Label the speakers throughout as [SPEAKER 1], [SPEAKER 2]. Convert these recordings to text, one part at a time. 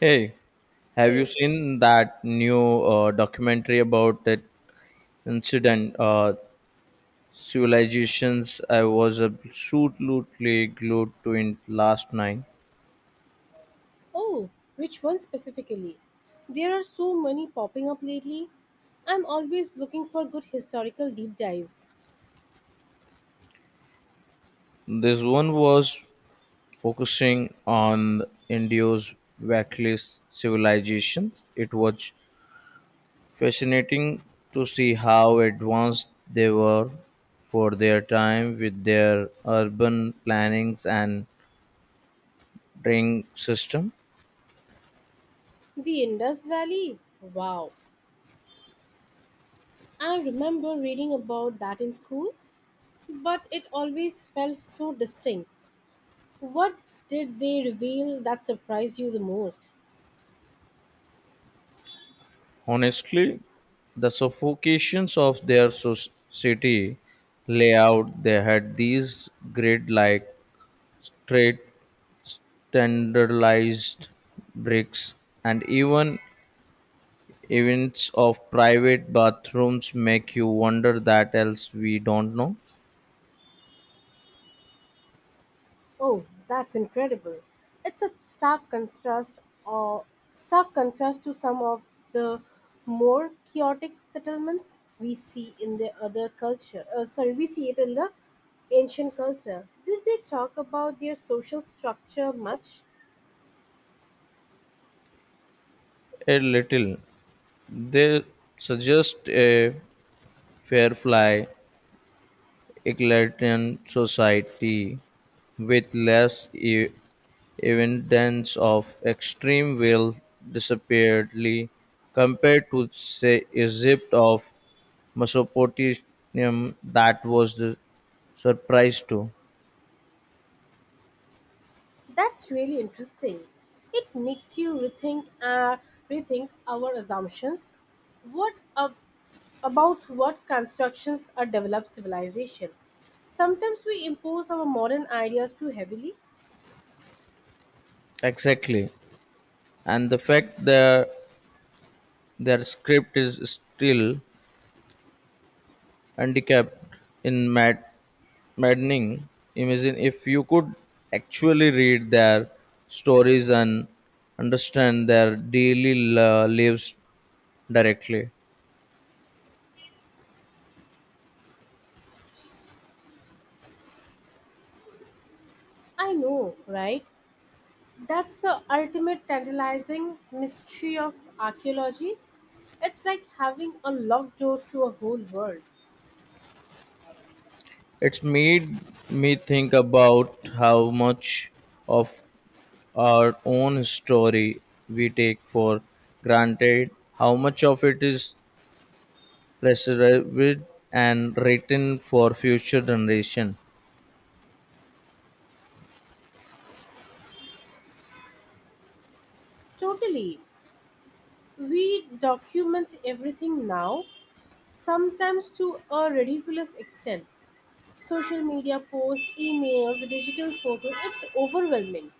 [SPEAKER 1] Hey, have you
[SPEAKER 2] Hey.
[SPEAKER 1] seen that new documentary about that incident? Civilizations, I was absolutely glued to it last night.
[SPEAKER 2] Oh, which one specifically? There are so many popping up lately. I'm always looking for good historical deep dives.
[SPEAKER 1] This one was focusing on India's Vaclis civilization. It was fascinating to see how advanced they were for their time with their urban plannings and drink system.
[SPEAKER 2] The Indus Valley? Wow. I remember reading about that in school, but it always felt so distinct. What did they reveal that surprised you the most?
[SPEAKER 1] Honestly, the suffocations of their society layout, they had these grid like straight tenderized bricks and even events of private bathrooms make you wonder that else we don't know
[SPEAKER 2] Oh, that's incredible. It's a stark contrast or stark contrast to some of the more chaotic settlements we see in the other culture. Sorry, we see it in the ancient culture. Did they talk about their social structure much?
[SPEAKER 1] a little. They suggest a fair fly egalitarian society with less evidence of extreme will disappearedly compared to say Egypt of Mesopotamia, that was the surprise too.
[SPEAKER 2] That's really interesting. It makes you rethink our assumptions. What a about what constructions a developed civilization. Sometimes we impose our modern ideas too heavily.
[SPEAKER 1] Exactly. And the fact that their script is still handicapped in maddening. Imagine if you could actually read their stories and understand their daily lives directly.
[SPEAKER 2] I know, right? That's the ultimate tantalizing mystery of archaeology. It's like having a locked door to a whole world.
[SPEAKER 1] It's made me think about how much of our own story we take for granted, how much of it is preserved and written for future generation.
[SPEAKER 2] Totally. We document everything now, sometimes to a ridiculous extent. Social media posts, emails, digital photos, it's overwhelming.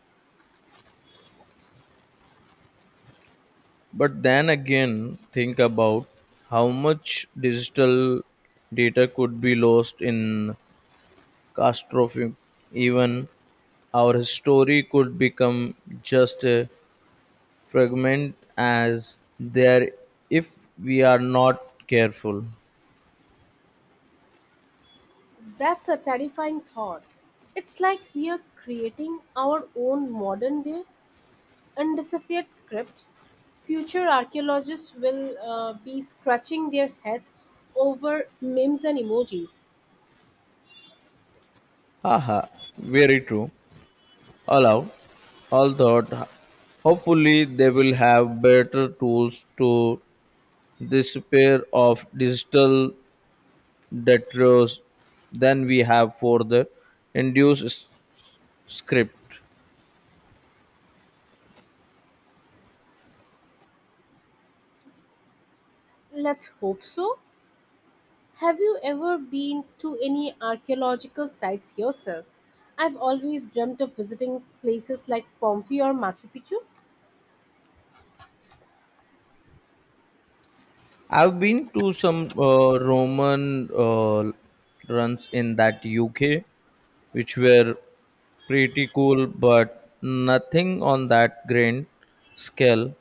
[SPEAKER 1] But then again, think about how much digital data could be lost in catastrophe. Even our story could become just a fragment as there if we are not careful.
[SPEAKER 2] That's a terrifying thought. It's like we're creating our own modern day undeciphered script. Future archaeologists will be scratching their heads over memes and emojis.
[SPEAKER 1] Haha, very true. Allow, all thought. Hopefully, they will have better tools to despair of digital detritus than we have for the induced script.
[SPEAKER 2] Let's hope so. Have you ever been to any archaeological sites yourself? I've always dreamt of visiting places like Pompeii or Machu Picchu.
[SPEAKER 1] I've been to some Roman runs in that UK, which were pretty cool, but nothing on that grand scale.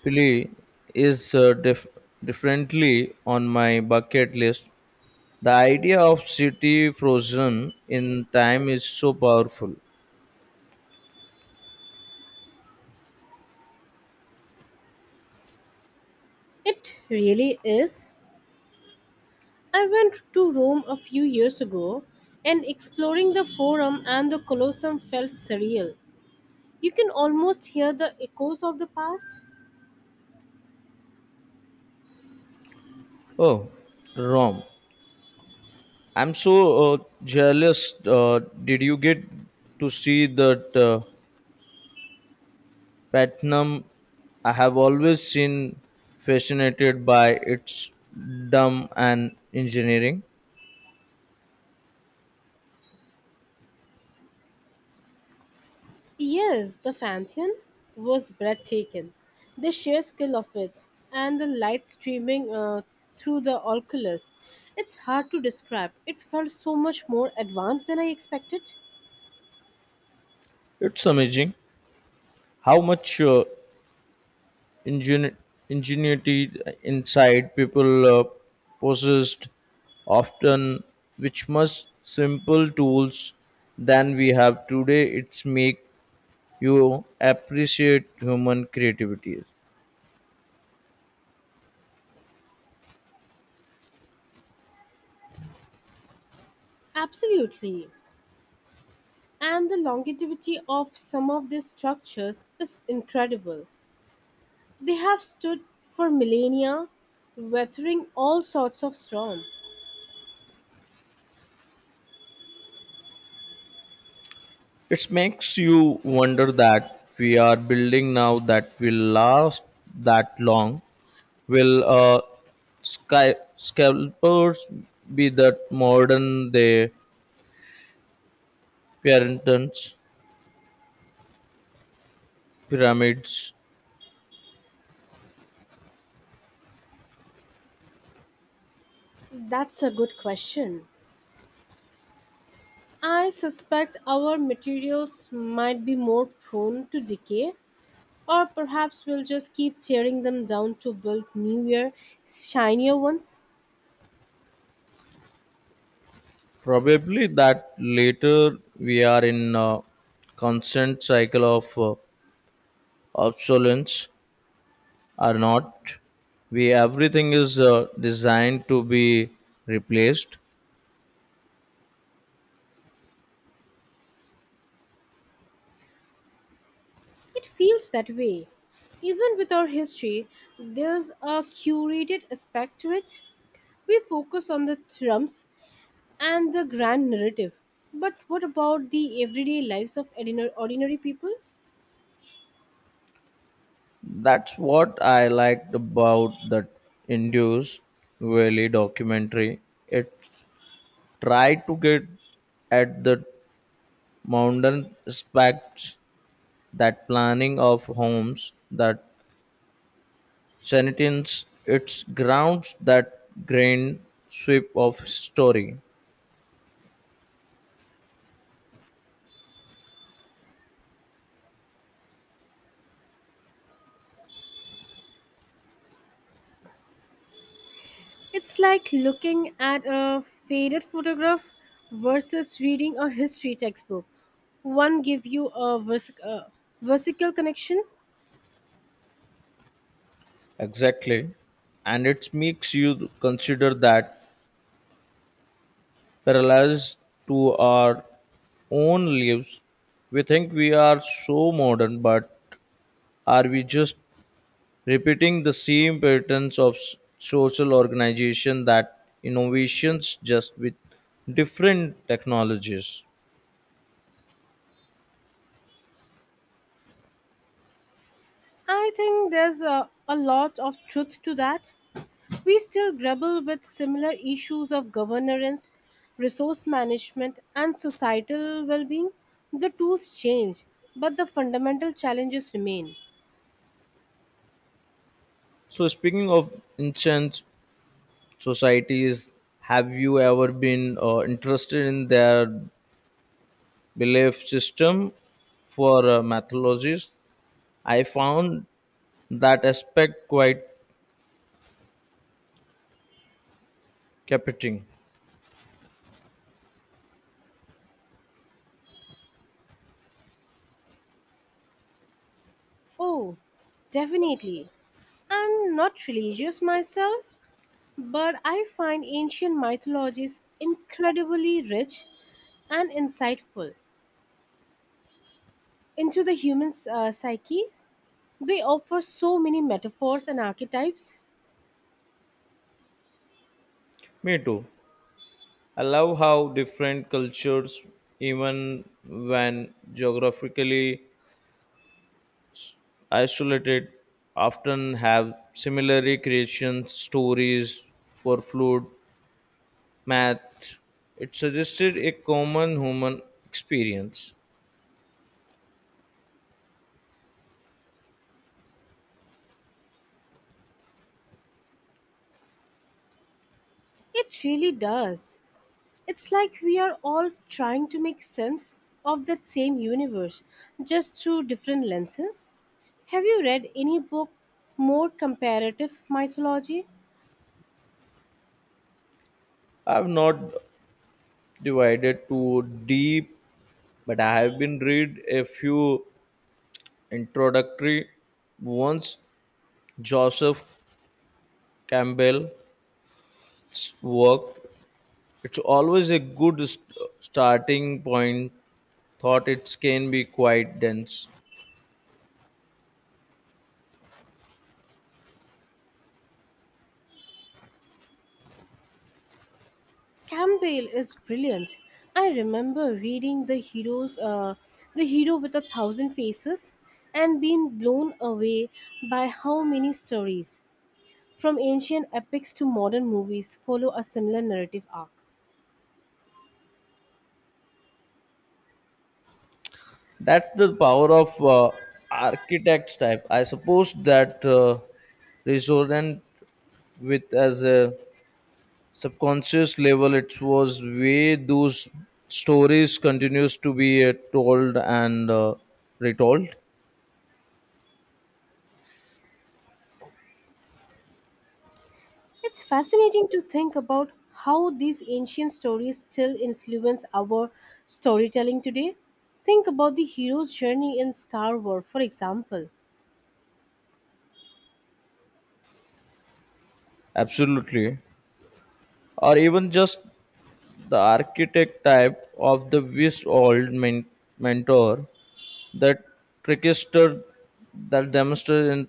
[SPEAKER 1] Probably is differently on my bucket list. The idea of city frozen in time is so powerful.
[SPEAKER 2] It really is I went to Rome a few years ago, and exploring the Forum and the Colosseum felt surreal. You can almost hear the echoes of the past.
[SPEAKER 1] Oh, Rome. I'm so jealous. Did you get to see that platinum? I have always seen fascinated by its dumb and engineering.
[SPEAKER 2] Yes, the Pantheon was breathtaking. The sheer scale of it and the light streaming through the oculus. It's hard to describe. It felt so much more advanced than I expected.
[SPEAKER 1] It's amazing how much ingen- ingenuity inside people possessed, often which must simple tools than we have today. It's make you appreciate human creativity.
[SPEAKER 2] Absolutely. And the longevity of some of these structures is incredible. They have stood for millennia, weathering all sorts of storm.
[SPEAKER 1] It makes you wonder that we are building now that will last that long. Will scalpers be that modern day pyramidons? Pyramids?
[SPEAKER 2] That's a good question. I suspect our materials might be more prone to decay, or perhaps we'll just keep tearing them down to build newer, shinier ones.
[SPEAKER 1] Probably that later we are in a constant cycle of obsolescence, are not we? Everything is designed to be replaced.
[SPEAKER 2] It feels that way. Even with our history, there's a curated aspect to it. We focus on the thrums and the grand narrative. But what about the everyday lives of ordinary people?
[SPEAKER 1] That's what I liked about that Indus Valley documentary. It tried to get at the mountain aspects that planning of homes, that sentence, its grounds, that grand sweep of story.
[SPEAKER 2] It's like looking at a faded photograph versus reading a history textbook. One give you a, a versical connection.
[SPEAKER 1] Exactly. And it makes you consider that parallels to our own lives. We think we are so modern, but are we just repeating the same patterns of social organization that innovations just with different technologies?
[SPEAKER 2] I think there's a lot of truth to that. We still grapple with similar issues of governance, resource management, and societal well being. The tools change, but the fundamental challenges remain.
[SPEAKER 1] So, speaking of ancient societies, have you ever been interested in their belief system for mythologies? I found that aspect quite captivating.
[SPEAKER 2] Oh, definitely. I'm not religious myself, but I find ancient mythologies incredibly rich and insightful into the human psyche. They offer so many metaphors and archetypes.
[SPEAKER 1] Me too. I love how different cultures, even when geographically isolated, often have similar recreation stories for food, math. It suggested a common human experience.
[SPEAKER 2] It really does. It's like we are all trying to make sense of that same universe just through different lenses. Have you read any book more comparative mythology?
[SPEAKER 1] I've not divided too deep, but I have been read a few introductory ones. Joseph Campbell's work, it's always a good starting point. Thought it can be quite dense.
[SPEAKER 2] Campbell is brilliant. I remember reading the hero with a thousand faces and being blown away by how many stories from ancient epics to modern movies follow a similar narrative arc.
[SPEAKER 1] That's the power of architect's type. I suppose that resonant with as a subconscious level. It was way those stories continues to be told and retold.
[SPEAKER 2] It's fascinating to think about how these ancient stories still influence our storytelling today. Think about the hero's journey in Star Wars, for example.
[SPEAKER 1] Absolutely, or even just the architect type of the wish mentor, the trickster that demonstrate, and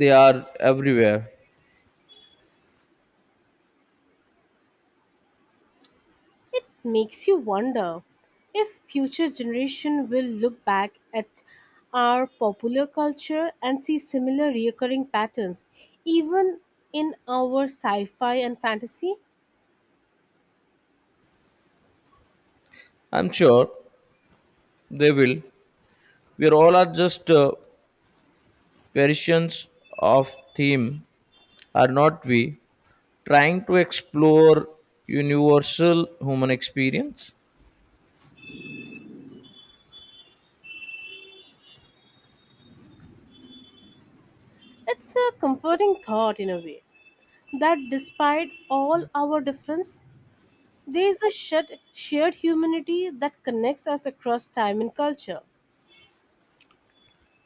[SPEAKER 1] they are everywhere.
[SPEAKER 2] It makes you wonder if future generation will look back at our popular culture and see similar recurring patterns even in our sci-fi and fantasy.
[SPEAKER 1] I'm sure they will. We all are just variations of theme, are not we? Trying to explore universal human experience.
[SPEAKER 2] It's a comforting thought in a way that despite all our difference, there is a shared humanity that connects us across time and culture.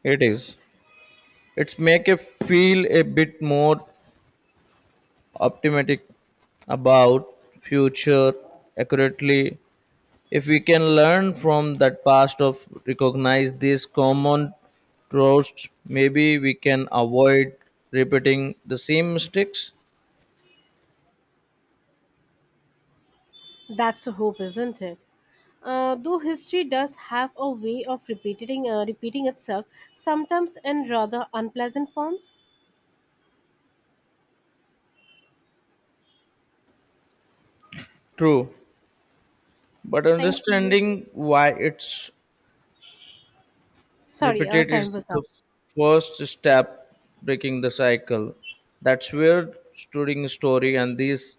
[SPEAKER 1] It is. It's make you feel a bit more optimistic about future accurately. If we can learn from that past of recognize these common tropes, maybe we can avoid repeating the same mistakes.
[SPEAKER 2] That's a hope, isn't it? Though history does have a way of repeating itself, sometimes in rather unpleasant forms.
[SPEAKER 1] True, but
[SPEAKER 2] Thank you.
[SPEAKER 1] understanding why it's
[SPEAKER 2] Sorry, our
[SPEAKER 1] repeated
[SPEAKER 2] time
[SPEAKER 1] is
[SPEAKER 2] was
[SPEAKER 1] the
[SPEAKER 2] up.
[SPEAKER 1] first step breaking the cycle. That's where studying story and these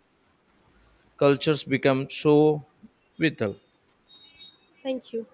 [SPEAKER 1] cultures become so vital.
[SPEAKER 2] Thank you.